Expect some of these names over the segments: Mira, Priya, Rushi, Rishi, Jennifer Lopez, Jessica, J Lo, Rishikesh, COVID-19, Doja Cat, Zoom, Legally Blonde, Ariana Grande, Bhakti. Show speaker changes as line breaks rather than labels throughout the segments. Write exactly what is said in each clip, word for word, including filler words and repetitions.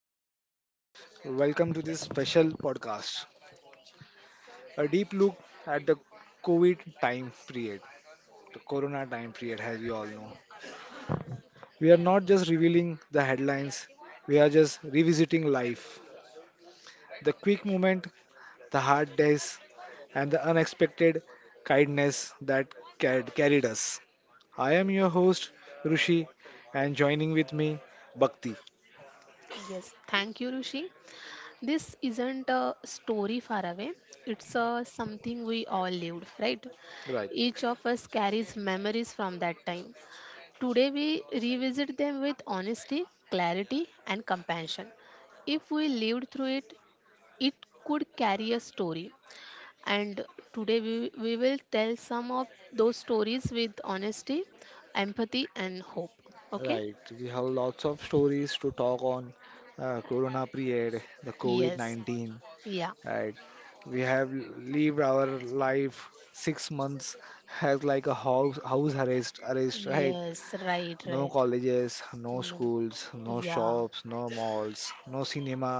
namaskar. Welcome to this special podcast. A deep look at the COVID time period, the corona time period, as we all know. We are not just revealing the headlines, we are just revisiting life. The quick moment, the hard days, and the unexpected kindness that carried carried us. I am your host, Rushi, and joining with me, Bhakti.
Yes, thank you, Rishi. This isn't a story far away. It's uh, something we all lived, right?
Right.
Each of us carries memories from that time. Today, we revisit them with honesty, clarity, and compassion. If we lived through it, it could carry a story. And today, we, we will tell some of those stories with honesty, empathy, and hope. Okay?
Right, we have lots of stories to talk on uh, Corona period, the
Yes.
COVID nineteen,
Yeah.
right? We have lived our life six months as like a house house arrest, arrest, right?
Yes, right,
No
right.
colleges, no
No.
schools, no
Yeah.
shops, no malls, no cinema,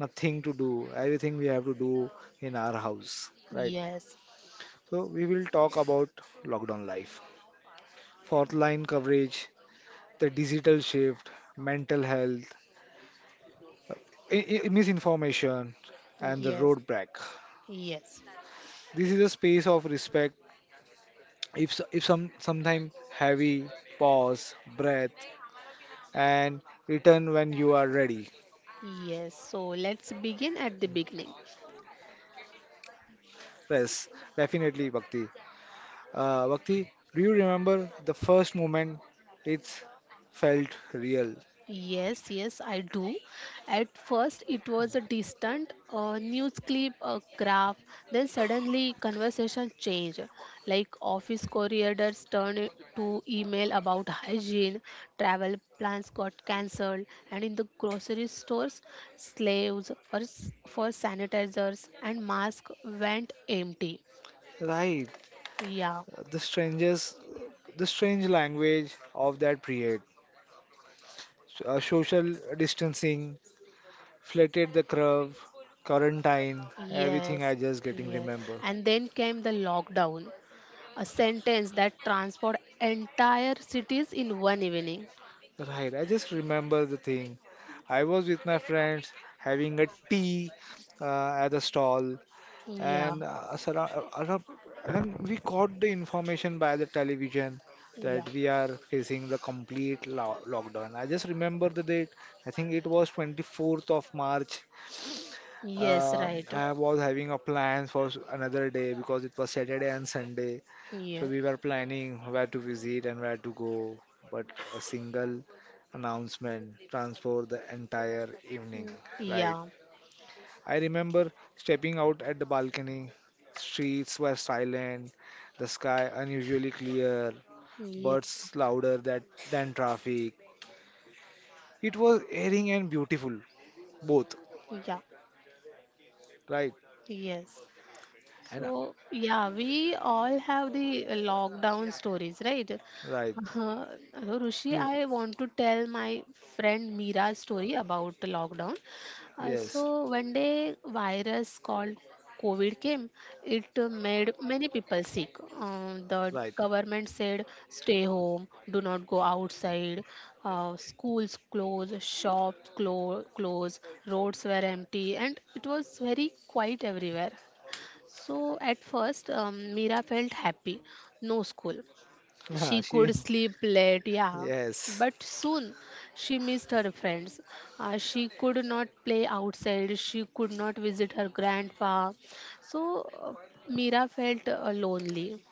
nothing to do. Everything we have to do in our house, right?
Yes.
So we will talk about lockdown life, fourth line coverage, the digital shift, mental health, i- i- misinformation and the
Yes.
roadblock.
Yes.
This is a space of respect. If s- if some sometime heavy, pause, breath, and return when you are ready.
Yes. So let's begin at the beginning.
Yes, definitely, Bhakti. Uh, Bhakti, do you remember the first moment it felt real?
Yes, yes, I do. At first, it was a distant uh, news clip, a graph. Then suddenly, conversation changed. Like office corridors turned to email about hygiene, travel plans got cancelled, and in the grocery stores, slaves for, s- for sanitizers and masks went empty.
Right,
Yeah,
the strangers, the strange language of that period. So, uh, social distancing, flatted the curve, quarantine, everything
yes,
I just getting
yes.
remember.
And then came the lockdown. A sentence that transport entire cities in one evening.
Right, I just remember the thing. I was with my friends having a tea uh, at the stall,
Yeah,
and uh, surra- around, and we got the information by the television
yeah.
that we are facing the complete lo- lockdown. I just remember the date. I think it was twenty-fourth of March.
Yes,
Um
right.
I was having a plan for s- another day because it was Saturday and Sunday. So
Yeah,
we were planning where to visit and where to go, but a single announcement transformed the entire evening, right?
yeah,
I remember stepping out at the balcony. Streets were silent, the sky unusually clear,
yeah,
birds louder that, than traffic. It was airing and beautiful, both,
yeah.
right?
Yes.
And
So, yeah, we all have the uh, lockdown stories, right?
right,
Uh, Rushi,
yes,
I want to tell my friend Mira's story about the lockdown. Uh,
yes,
so, one day, virus called COVID came. It uh, made many people sick. Uh, the
right.
government said, stay home, do not go outside. Uh, schools closed, shops clo- closed, roads were empty, and it was very quiet everywhere. So at first, um, Mira felt happy. No school. She
She,
could sleep late, yeah.
yes,
But soon she missed her friends. Uh, she could not play outside. She could not visit her grandpa. So uh, Mira felt uh, lonely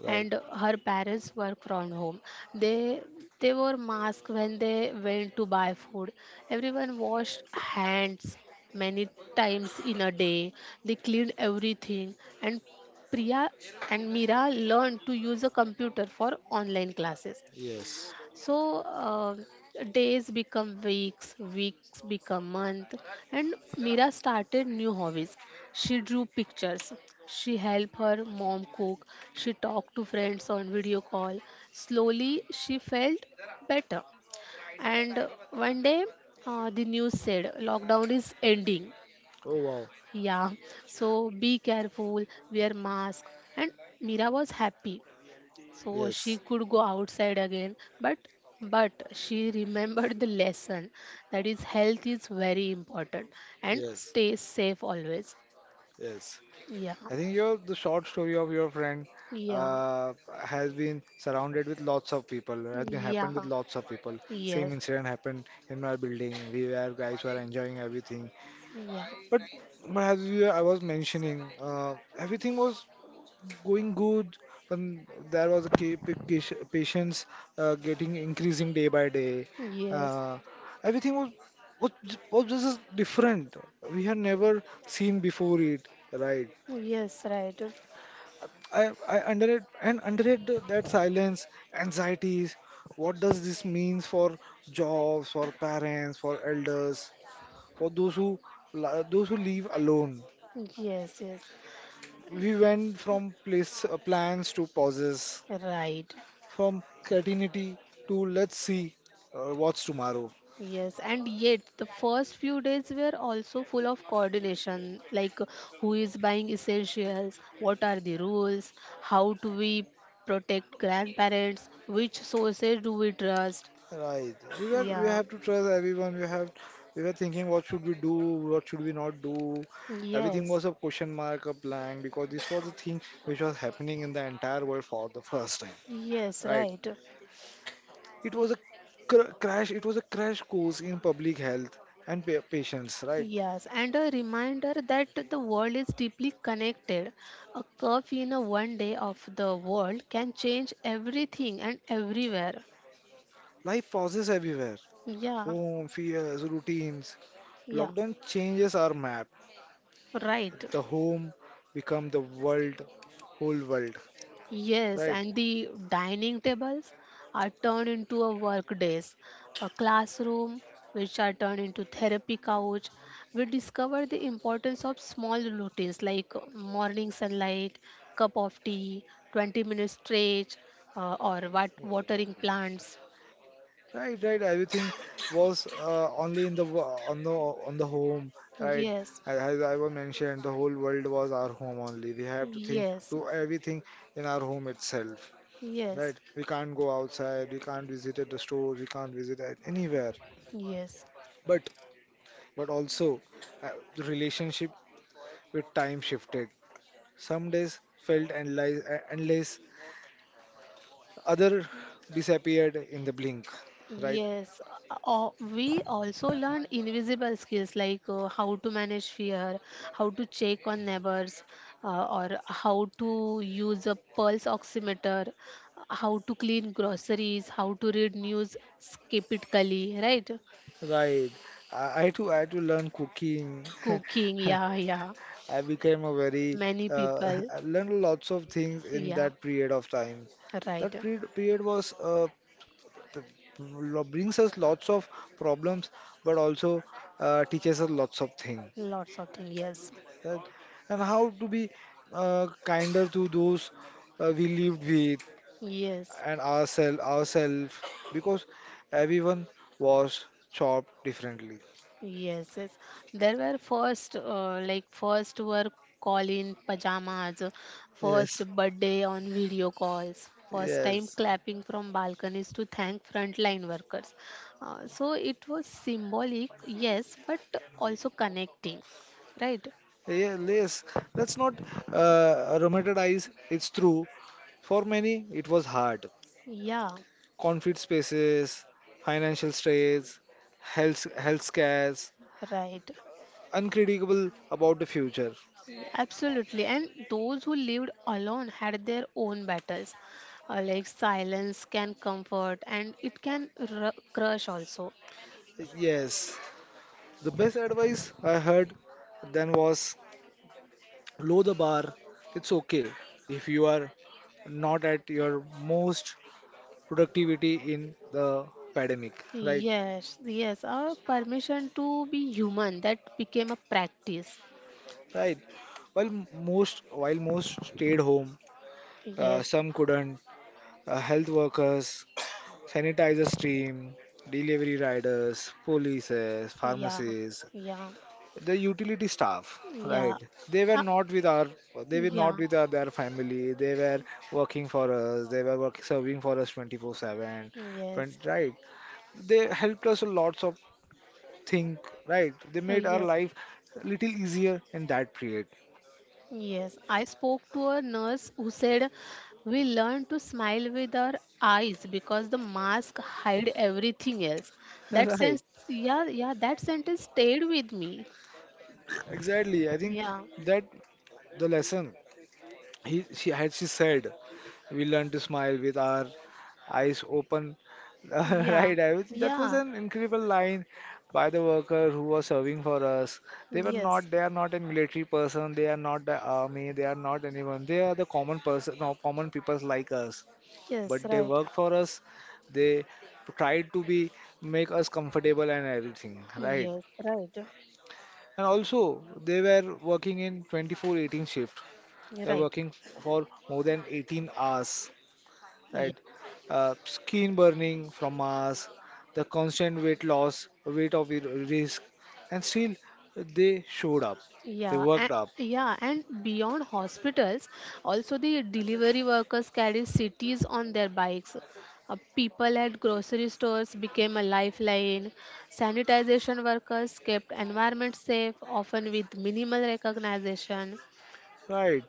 right,
and her parents work from home. They they wore masks when they went to buy food. Everyone washed hands many times in a day. They cleaned everything and Priya and Mira learned to use a computer for online classes.
yes.
So uh, days become weeks, weeks become month, and Mira started new hobbies. She drew pictures. She helped her mom cook. She talked to friends on video call. Slowly, she felt better. And uh, one day, uh, the news said lockdown is ending.
Oh wow,
Yeah, so be careful, wear mask. And Mira was happy. So she
yes,
could go outside again, but but she remembered the lesson that is health is very important and
yes,
stay safe always.
yes.
Yeah,
I think your the short story of your friend
yeah,
uh, has been surrounded with lots of people. Has been
yeah,
happened with lots of people. Same
yes,
incident happened in my building. We were guys were enjoying everything,
yeah,
but but as you, I was mentioning, uh, everything was going good. When there was a ca- pa- ca- patients uh, getting increasing day by day.
yes,
Uh, everything was was j- was just different. We had never seen before it, right?
yes, right,
I I underrate and underrate the- that silence, anxieties. What does this means for jobs, for parents, for elders, for those who li- those who live alone?
yes, yes,
We went from place uh, plans to pauses.
right.
From creativity to let's see uh, what's tomorrow.
Yes, and yet the first few days were also full of coordination, like uh, who is buying essentials, what are the rules, how do we protect grandparents, which sources do we trust.
Right. We were we
Yeah,
have to trust everyone. We have we were thinking what should we do, what should we not do. Everything
yes,
was a question mark, a blank because this was the thing which was happening in the entire world for the first time.
yes,
Right.
right.
It was a cr- crash. It was a crash course in public health and pa- patients. Right.
Yes, and a reminder that the world is deeply connected. A curve in a one day of the world can change everything and everywhere.
Life pauses everywhere.
Yeah,
Home, fears, routines.
yeah,
Lockdown changes our map.
right.
The home become the world, whole world,
Yes,
right?
and the dining tables are turned into a work desk, a classroom, which are turned into therapy couch. We discover the importance of small routines like morning sunlight, cup of tea, twenty minute stretch, uh, or wat watering plants.
Right, right. Everything was uh, only in the wo- on the on the home, right?
Yes,
As as I was mentioned, the whole world was our home only. We have to think,
yes,
do everything in our home itself,
yes,
right? We can't go outside, we can't visit at the store, we can't visit at anywhere.
yes.
But but also, uh, the relationship with time shifted. Some days felt endless, endless other disappeared in the blink, right?
Yes, uh, we also learn invisible skills like uh, how to manage fear, how to check on neighbors, uh, or how to use a pulse oximeter, how to clean groceries, how to read news skeptically, right?
Right. I I had to I had to learn cooking.
Cooking, yeah, yeah.
I became a very
Many
uh,
people,
I learned lots of things in
yeah,
that period of time. That
right.
period period was uh, th- lo- brings us lots of problems, but also uh, teaches us lots of things.
Lots of things, yes,
That, and how to be uh, kinder to those uh, we lived with,
yes.
and ourselves ourselves because everyone was chopped differently.
Yes, yes. There were first, uh, like first were call in pajamas,
Yes,
first birthday on video calls, first time
yes,
clapping from balconies to thank frontline workers. Uh, so it was symbolic, yes, but also connecting, right?
yeah, yes. Let's not uh, romanticize. It's true. For many, it was hard.
Yeah,
Conflict spaces, financial stress, health health scares,
right.
unpredictable about the future.
Yeah, absolutely. And those who lived alone had their own battles. Uh, like silence can comfort and it can r- crush also.
Yes, the best advice I heard then was lower the bar. It's okay if you are not at your most productivity in the pandemic, right?
Yes, yes, a permission to be human that became a practice.
Right. While m- most while most stayed home, uh,
Yes,
some couldn't. Uh, health workers, sanitizer team, delivery riders, polices,
yeah,
pharmacies,
yeah,
the utility staff,
yeah,
right? They were
uh,
not with our they were not
yeah,
with our, their family. They were working for us. They were working serving for us twenty-four seven.
yes,
Right? They helped us a lots of think, right? They
uh,
made our
yes,
life a little easier in that period.
yes. I spoke to a nurse who said we learn to smile with our eyes because the mask hide everything else. That
Right.
sense, yeah, yeah, that sentence stayed with me.
Exactly. I think
Yeah,
that the lesson he she had she said, we learn to smile with our eyes open.
yeah,
Right. I was, that was
yeah,
an incredible line by the worker who was serving for us. They were
yes,
not. They are not a military person. They are not the army. They are not anyone. They are the common person, no, common people like us.
yes,
But they
right,
work for us. They try to be make us comfortable and everything, right?
yes, right.
And also they were working in twenty-four eighteen shift. They are
Right.
working for more than eighteen hours,
Yeah.
right? Uh, skin burning from us, the constant weight loss, weight of i- risk, and still they showed up. They
Yeah. And,
worked up.
yeah. And beyond hospitals, also the delivery workers carry cities on their bikes. Uh, people at grocery stores became a lifeline. Sanitization workers kept environment safe, often with minimal recognition.
Right.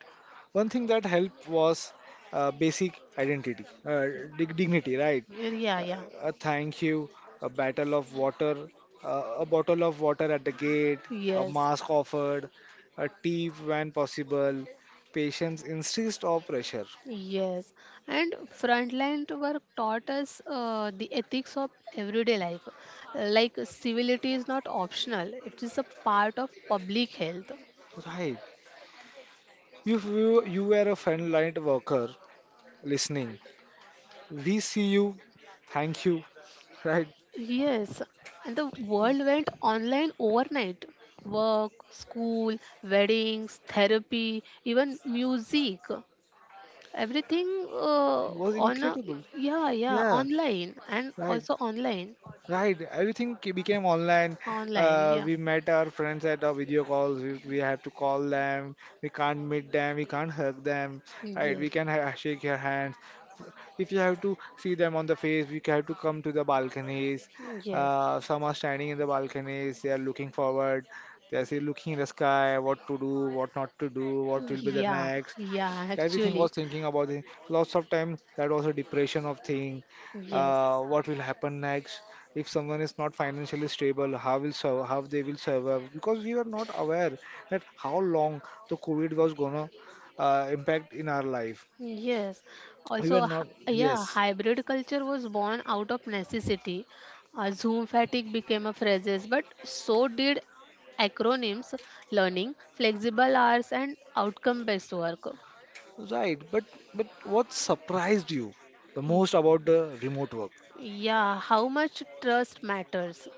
One thing that helped was uh, basic identity, uh, dig- dignity, right?
Yeah.
Uh,
Yeah.
a thank you, a bottle of water, uh, a bottle of water at the gate, a
Yes.
mask offered, a tea when possible, patience instead of pressure.
Yes, and frontline work taught us uh, the ethics of everyday life. Like civility is not optional, it is a part of public health.
Right. If you, you were a frontline worker listening, we see you, thank you, right?
Yes, and the world went online overnight. Work, school, weddings, therapy, even music. Everything uh,
Was
on a,
incredible.
yeah, yeah,
Yeah,
online and
right.
also online.
Right, everything ke- became online.
Online,
Uh,
yeah.
we met our friends at our video calls. We, we have to call them. We can't meet them. We can't hug them. Right, we
Yes,
can ha shake your hands. If you have to see them on the face, we have to come to the balconies.
yes.
Uh, some are standing in the balconies, they are looking forward, they are still looking in the sky, what to do, what not to do, what will be the
Yeah,
next.
yeah,
Everything was
actually,
thinking about it. Lots of time that was a depression of thing.
yes,
Uh, what will happen next? If someone is not financially stable, how will sur how they will survive? Because we were not aware that how long the COVID was gonna uh, impact in our life.
yes.
We
Also,
were not,
h- yeah,
yes.
hybrid culture was born out of necessity. Uh, Zoom fatigue became a phrase, but so did acronyms, learning, flexible hours, and outcome-based work.
Right, but but what surprised you the
Y-
most about the remote work?
Yeah, how much trust matters,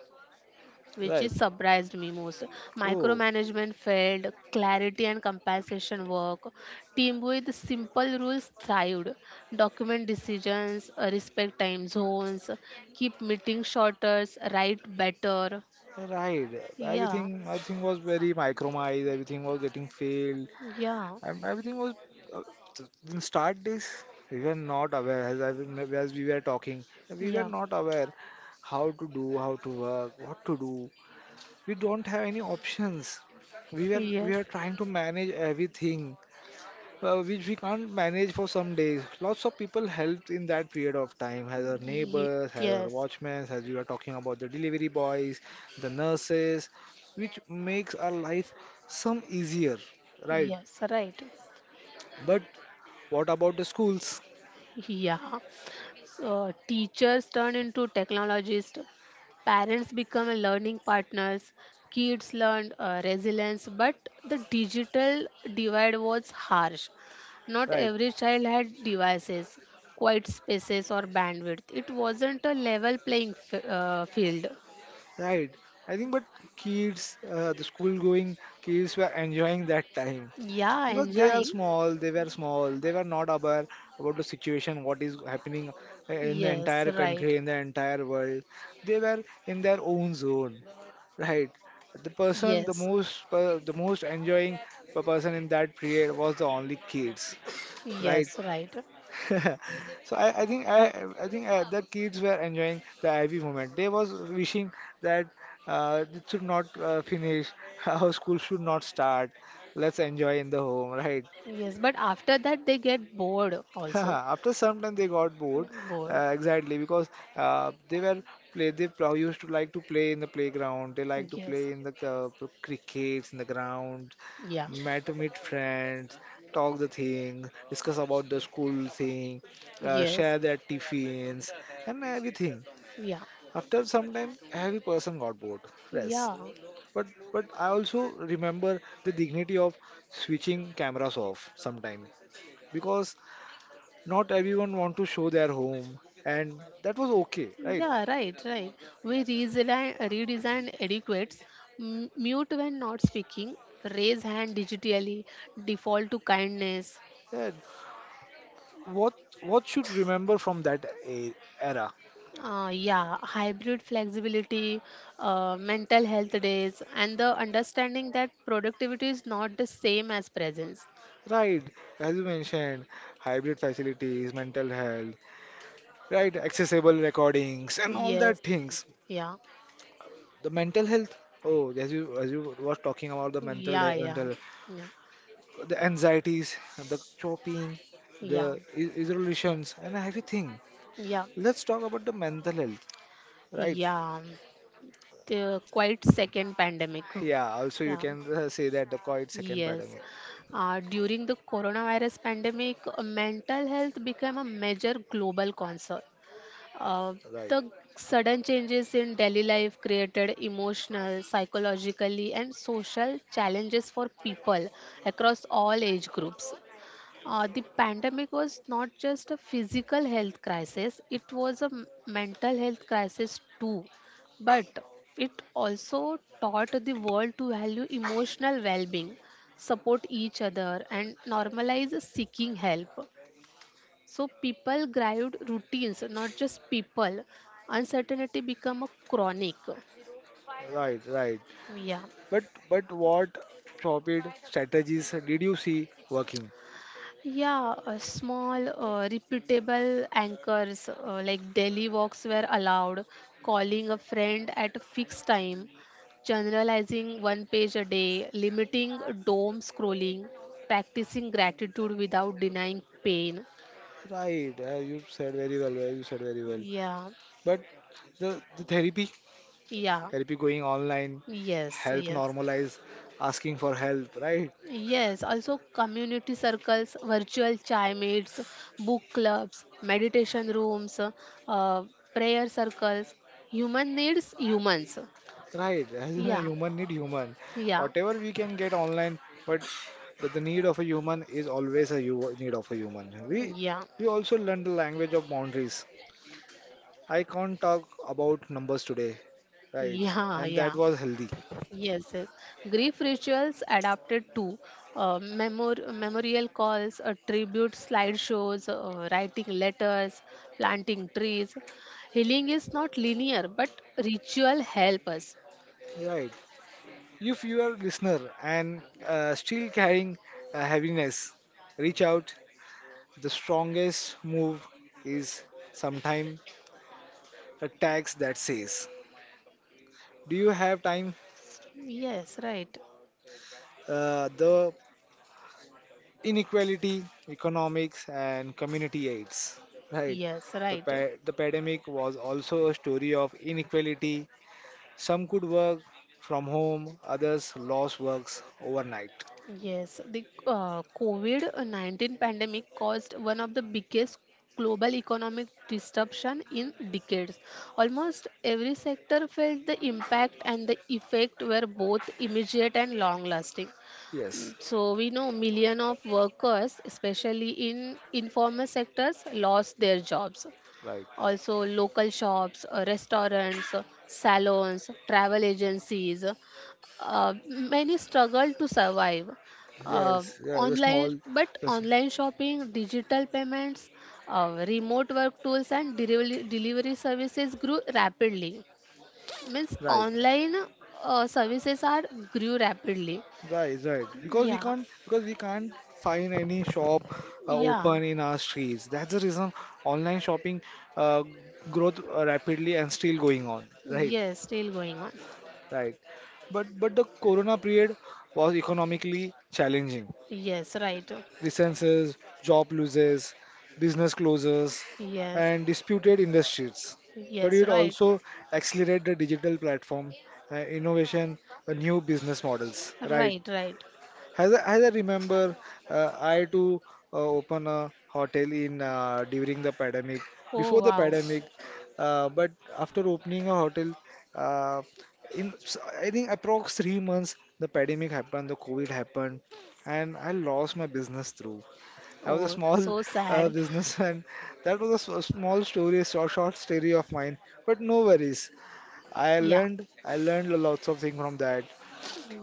which
Right.
is surprised me most.
Oh,
Micromanagement failed, clarity and compensation work, team with simple rules thrived, document decisions, uh, respect time zones, keep meeting shorter, write better.
right.
Yeah,
Everything everything was very micromized. Everything was getting failed.
yeah,
And everything was uh, th- in start days we were not aware as I remember, as we were talking we were
yeah.
not aware how to do how to work what to do. We don't have any options. We were we
Yes,
were trying to manage everything uh, which we can't manage for some days. Lots of people helped in that period of time, as our
Ye-
neighbors, as our
yes,
watchmen, as we are talking about the delivery boys, the nurses, which makes our life some easier, right?
yes, right.
But what about the schools,
Yeah. So, teachers turn into technologists, parents become a learning partners, kids learn uh, resilience, but the digital divide was harsh. Not
right?
every child had devices, quiet spaces, or bandwidth. It wasn't a level playing f- uh, field.
Right. I think, but kids, uh, the school going kids were enjoying that time,
Yeah,
because they are
enjoying.
small they were small they were not aware about the situation what is happening in the
Yes,
entire country
right.
in the entire world. They were in their own zone, right? the person the
Yes,
most per- the most enjoying person in that period was the only kids,
yes,
right?
right.
so I, I think I, I think uh, the kids were enjoying the I V moment. They was wishing that uh, it should not uh, finish, our school should not start. Let's enjoy in the home, right?
Yes, but after that, they get bored also.
After some time, they got bored.
Bored.
Uh, exactly because uh, they were play. They pro- used to like to play in the playground. They like to
Yes,
play in the uh, p- crickets in the ground.
yeah.
Met meet friends, talk the thing, discuss about the school thing,
Yes.
uh,
Yeah.
share their tiffins and everything.
Yeah.
After some time, every person got bored. Yes, but but I also remember the dignity of switching cameras off sometime because not everyone want to show their home and that was okay, right?
Yeah, right, right. We redesign, redesign adequates, m- mute when not speaking, raise hand digitally, default to kindness.
Yeah, what what should remember from that e- era,
Uh, yeah, Hybrid flexibility, uh, mental health days, and the understanding that productivity is not the same as presence.
right? As you mentioned hybrid facilities mental health, right, accessible recordings and all that
Yes,
things.
yeah,
The mental health, oh as you as you was talking about the mental
yeah,
he-
yeah,
mental, the anxieties, the chopping, the
yeah,
i- isolations and everything,
yeah, yeah,
let's talk about the mental health, right?
yeah. The quite second pandemic.
Yeah, also you
Yeah,
can uh, say that the COVID second
yes.
pandemic.
Uh, during the coronavirus pandemic, uh, mental health became a major global concern. Uh,
Right,
the sudden changes in daily life created emotional, psychologically, and social challenges for people across all age groups. Uh, the pandemic was not just a physical health crisis, it was a m- mental health crisis too. But it also taught the world to value emotional well being, support each other, and normalize seeking help. So people grieved routines, not just people. Uncertainty become a chronic.
right, right.
Yeah.
But but what rapid strategies did you see working?
Yeah, uh, small, uh, repeatable anchors uh, like daily walks were allowed, calling a friend at a fixed time, generalizing one page a day, limiting doom scrolling, practicing gratitude without denying pain.
Right, uh, you said very well. uh, You said very well.
Yeah,
But the the therapy,
yeah,
therapy going online,
yes,
help
yes.
normalize asking for help. Right,
Yes, also community circles, virtual chai chaimates, book clubs, meditation rooms, uh, prayer circles. Human needs humans.
right. As a
Yeah,
human need human.
yeah,
Whatever we can get online, but the, the need of a human is always a hu need of a human. We
yeah,
we also learn the language of boundaries. I can't talk about numbers today, right?
yeah,
And
yeah.
that was healthy,
Yes, yes. Grief rituals adapted to uh, memor- memorial calls, uh, tribute slideshows, uh, writing letters, planting trees. Healing is not linear, but ritual help us.
right? If you are a listener and uh, still carrying uh, heaviness, reach out. The strongest move is sometime a tax that says, "Do you have time?"
Yes, right.
Uh, the inequality, economics, and community aids, right?
Yes,
The
right.
pa- the pandemic was also a story of inequality. Some could work from home, others lost works overnight.
Yes, the uh, COVID nineteen pandemic caused one of the biggest global economic disruption in decades. Almost every sector felt the impact and the effect were both immediate and long-lasting.
Yes,
Mm, so we know million of workers, especially in informal sectors, lost their jobs.
right.
Also local shops, uh, restaurants, uh, salons, travel agencies. Uh, many struggle to survive. Uh,
Yes, yeah, the
online,
small,
but
yes,
online shopping, digital payments, uh, remote work tools, and delivery, delivery services grew rapidly. Means
right,
online uh, services are grew rapidly.
right, right. Because we
Yeah,
can't, because we can't find any shop uh,
yeah,
open in our streets. That's the reason online shopping uh, growth uh, rapidly and still going on. Right,
yes, still going on.
right. But but the corona period was economically challenging.
Yes, right.
Licenses, job losses, business closures,
Yes,
and disputed industries. But
yes,
it
right,
also accelerate the digital platform uh, innovation, uh, new business models. Right?
right, right.
As I, as I remember, uh, I too uh, open a hotel in uh, during the pandemic.
Oh
Before the
wow.
pandemic, uh, but after opening a hotel, uh, in s- I think approx three months, the pandemic happened, the COVID happened, and I lost my business through. I was a
Oh,
small
so
uh,
sad.
business, and that was a s- a small story, a short, short story of mine. But no worries, I
Yeah.
learned, I learned a lots of thing from that.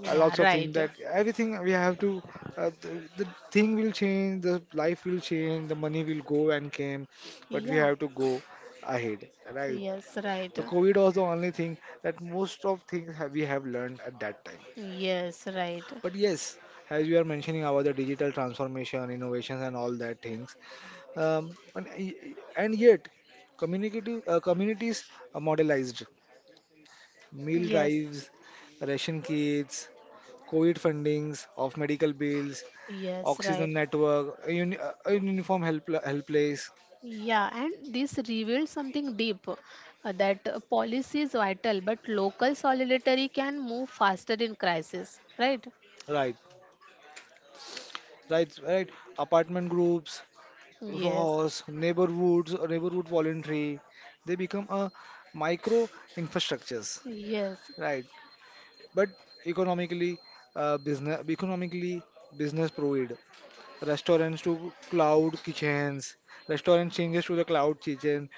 A
Yeah,
lots of thing
right.
that everything we have to, uh, the, the thing will change, the life will change, the money will go and came, but we
Yeah.
have to go ahead, right?
Yes, right.
The COVID was the only thing that most of things have, we have learned at that time.
Yes, right.
But yes, as you are mentioning about the digital transformation, innovations, and all that things, um, and, e, e, and yet, community, uh, communities are modelized meal
Yes.
drives, ration kits, COVID fundings of medical bills,
Yes, right.
oxygen network, a, uni uh, a uniform help helpless,
Yeah, and this reveals something deep uh, that uh, policy is vital, but local solidarity can move faster in crisis, right?
right, right, right. Apartment groups,
Yes,
R O S, neighborhoods, or neighborhood voluntary, they become a micro infrastructures,
yes,
right? But economically, uh, business economically business proved. Restaurants to cloud kitchens, restaurant changes to the cloud kitchen,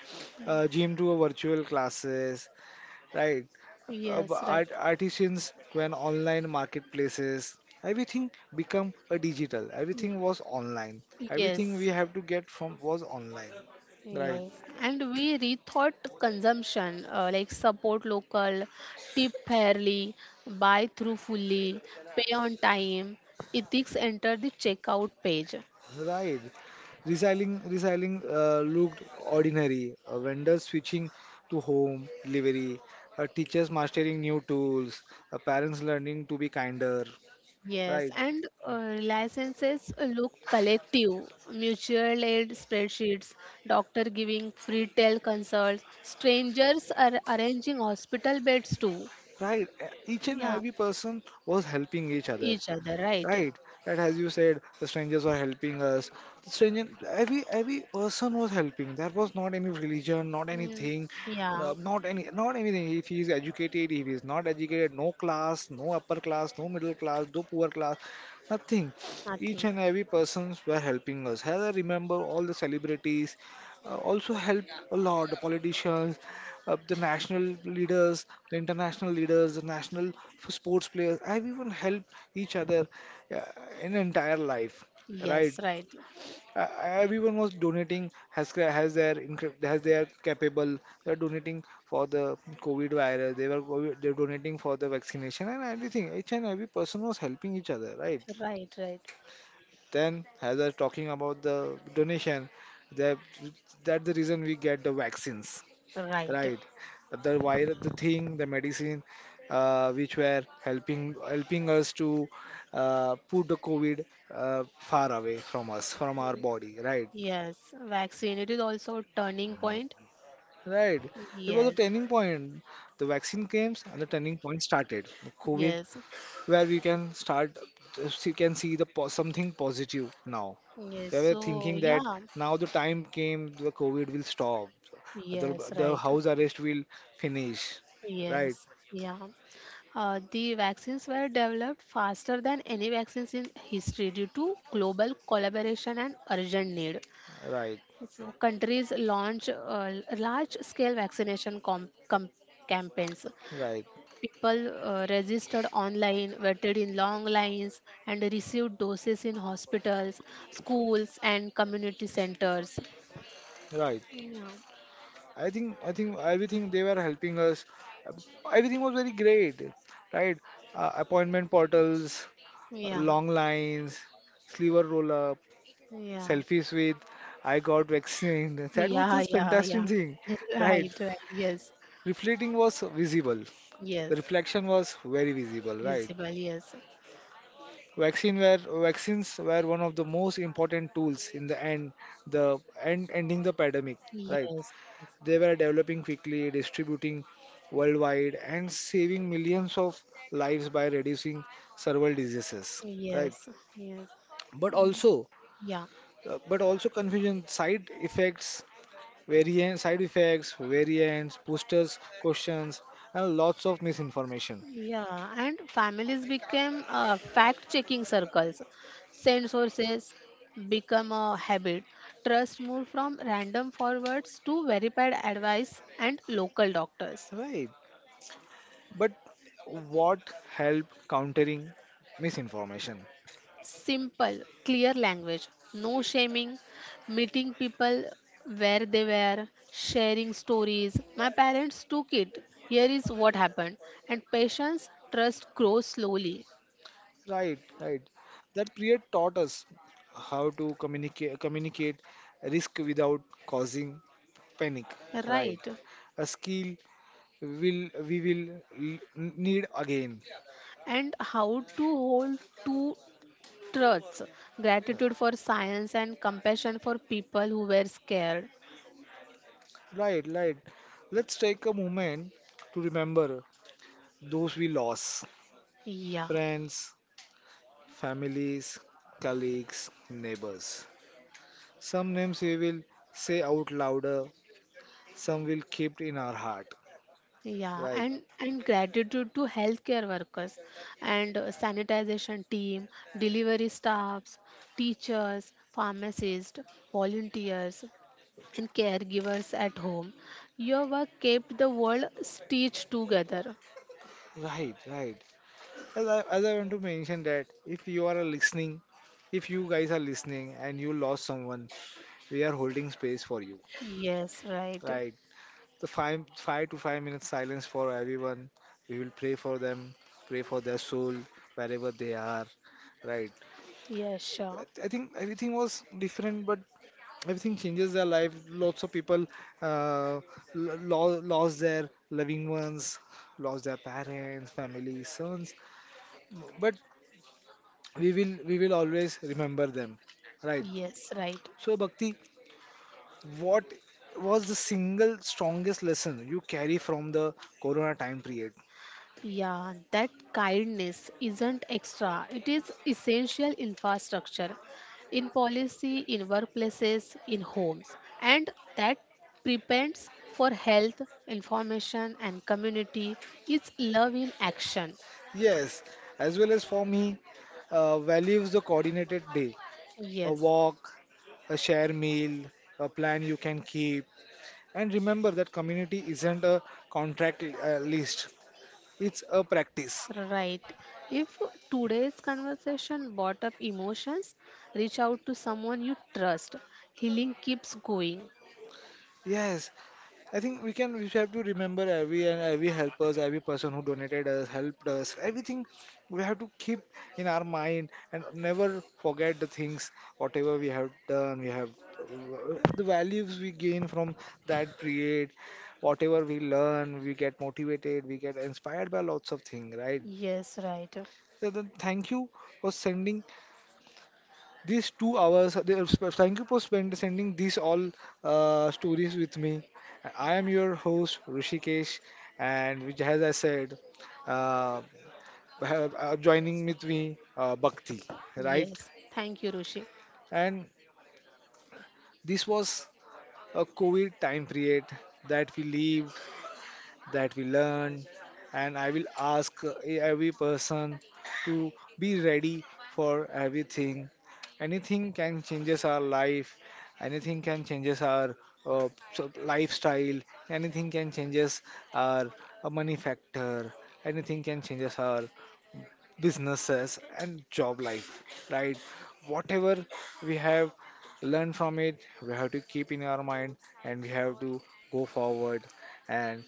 uh, gym to a virtual classes, right? Uh, b-
yes, right.
art, artisans to an online marketplaces. Everything become a digital. Everything was online. Everything we
Yes,
have to get from was online, right?
yes. And we rethought consumption uh, like support local, tip fairly, buy through fully, pay on time, ethics enter the checkout page.
Right. Recycling, recycling uh, looked ordinary. Uh, vendors switching to home delivery, uh, teachers mastering new tools, uh, parents learning to be kinder.
Yes,
Right.
and uh, licenses look collective, mutual aid spreadsheets, doctor giving free tel consults, strangers are arranging hospital beds too.
Right. Uh, each and
Yeah,
every person was helping each other.
each other, right.
Right, that, as you said, the strangers were helping us. The stranger, every every person was helping. There was not any religion, not
Mm,
anything,
yeah,
uh, not any, not anything. If he is educated, if he is not educated, no class, no upper class, no middle class, no poor class, nothing. Each
nothing.
and every persons were helping us. As I remember, all the celebrities uh, also helped a lot. The politicians, uh, the national leaders, the international leaders, the national f- sports players, everyone helped each other, yeah, an entire life, right?
Yes, right.
Uh, everyone was donating has ca- has their incre- has they are capable. They are donating for the COVID virus. They were COVID, they're donating for the vaccination and everything. Each and every person was helping each other, right?
Right, right,
Then, as I was talking about the donation, that that's the reason we get the vaccines,
right.
right, the virus, the thing, the medicine uh, which were helping helping us to uh, put the COVID uh, far away from us, from our body, right,
Yes, vaccine. It is also a turning point.
right. It was a
Yes,
turning point. The vaccine came and the turning point started. COVID,
yes,
where we can start, you can see the po- something positive now.
yes.
We were
So,
thinking that
yeah,
now the time came, the COVID will stop, the,
yes,
the
right.
house arrest will finish, right,
Yes, yeah. Uh, the vaccines were developed faster than any vaccines in history due to global collaboration and urgent need.
right.
So countries launch uh, large-scale vaccination com com campaigns.
Right,
People uh, registered online, waited in long lines, and received doses in hospitals, schools, and community centers.
right.
Yeah,
I think I think everything they were helping us. Uh, everything was very great, right? Uh, appointment portals,
yeah,
long lines, sliver roll up,
yeah,
selfies with I got vaccinated. That was
yeah,
just
yeah, yeah.
fantastic thing, right?
Right, right. Yes,
Reflecting was visible. The
yes.
reflection was very visible, right?
Visible. Yes,
Vaccine were vaccines were one of the most important tools in the end, the end ending the pandemic, right?
yes,
They were developing quickly, distributing worldwide, and saving millions of lives by reducing several diseases. Right.
yes, yes.
But also,
Yeah.
uh, but also confusion, side effects, variant, side effects, variants, boosters, questions, and lots of misinformation.
Yeah, and families became uh, fact-checking circles. Send sources become a habit. Trust moved from random forwards to verified advice and local doctors.
Right. But what help countering misinformation?
Simple, clear language, no shaming, meeting people where they were, sharing stories. My parents took it. Here is what happened. And patience, trust grows slowly.
Right, right. That period taught us how to communicate communicate risk without causing panic. Right.
Right.
A skill will we will l- need again.
And how to hold two truths, gratitude for science and compassion for people who were scared.
Right, right. Let's take a moment to remember those we lost.
Yeah,
Friends, families, colleagues, neighbors. Some names we will say out louder, some will keep in our heart.
yeah,
Right.
and and gratitude to healthcare workers and uh, sanitization team, delivery staffs, teachers, pharmacists, volunteers, and caregivers at home. Your work kept the world stitched together.
Right, right. As I, as I want to mention that if you are listening, if you guys are listening and you lost someone, we are holding space for you.
Yes, right.
Right? The five five to five minutes silence for everyone. We will pray for them, pray for their soul wherever they are. Right?
Yes,
I
sure.
I think everything was different, but everything changes their life. Lots of people uh, lo- lo- lost their loving ones, lost their parents, family, sons. But we will we will always remember them, right.
Yes, right.
So Bhakti, what was the single strongest lesson you carry from the corona time period?
Yeah, that kindness isn't extra, it is essential infrastructure in policy, in workplaces, in homes, and that prepends for health, information, and community. It's love in action.
Yes, as well as for me, uh, values the coordinated day, a
Yes,
walk, a share meal, a plan you can keep, and remember that community isn't a contract uh, list, it's a practice.
right. If today's conversation brought up emotions, reach out to someone you trust. Healing keeps going.
Yes, I think we can. We have to remember every and every helpers, every person who donated us, helped us, everything. We have to keep in our mind and never forget the things whatever we have done. We have the values we gain from that period, whatever we learn, we get motivated, we get inspired by lots of things, right?
Yes, right.
So then, thank you for sending these two hours, they, thank you for spend, sending these all uh, stories with me. I am your host, Rishikesh, and which, as I said, uh, have, uh, joining with me, uh, Bhakti, right?
Yes. Thank you, Rushi.
And this was a COVID time period that we live, that we learn. And I will ask uh, every person to be ready for everything. Anything can changes our life, anything can changes our uh, so- lifestyle, anything can changes our uh, money factor, anything can changes our businesses and job life, right? Whatever we have learned from it, we have to keep in our mind, and we have to go forward and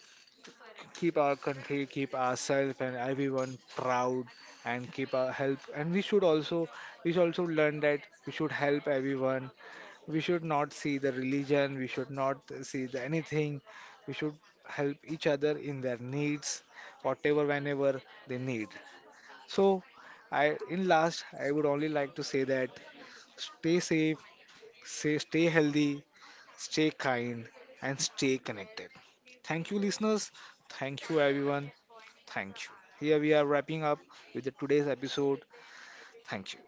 keep our country, keep ourselves and everyone proud, and keep our help. And we should also we should also learn that we should help everyone. We should not see the religion, we should not see the anything. We should help each other in their needs, whatever whenever they need. So I, in last, I would only like to say that stay safe, say stay healthy, stay kind, and stay connected. Thank you listeners. Thank you everyone. Thank you. Here we are wrapping up with the today's episode. Thank you.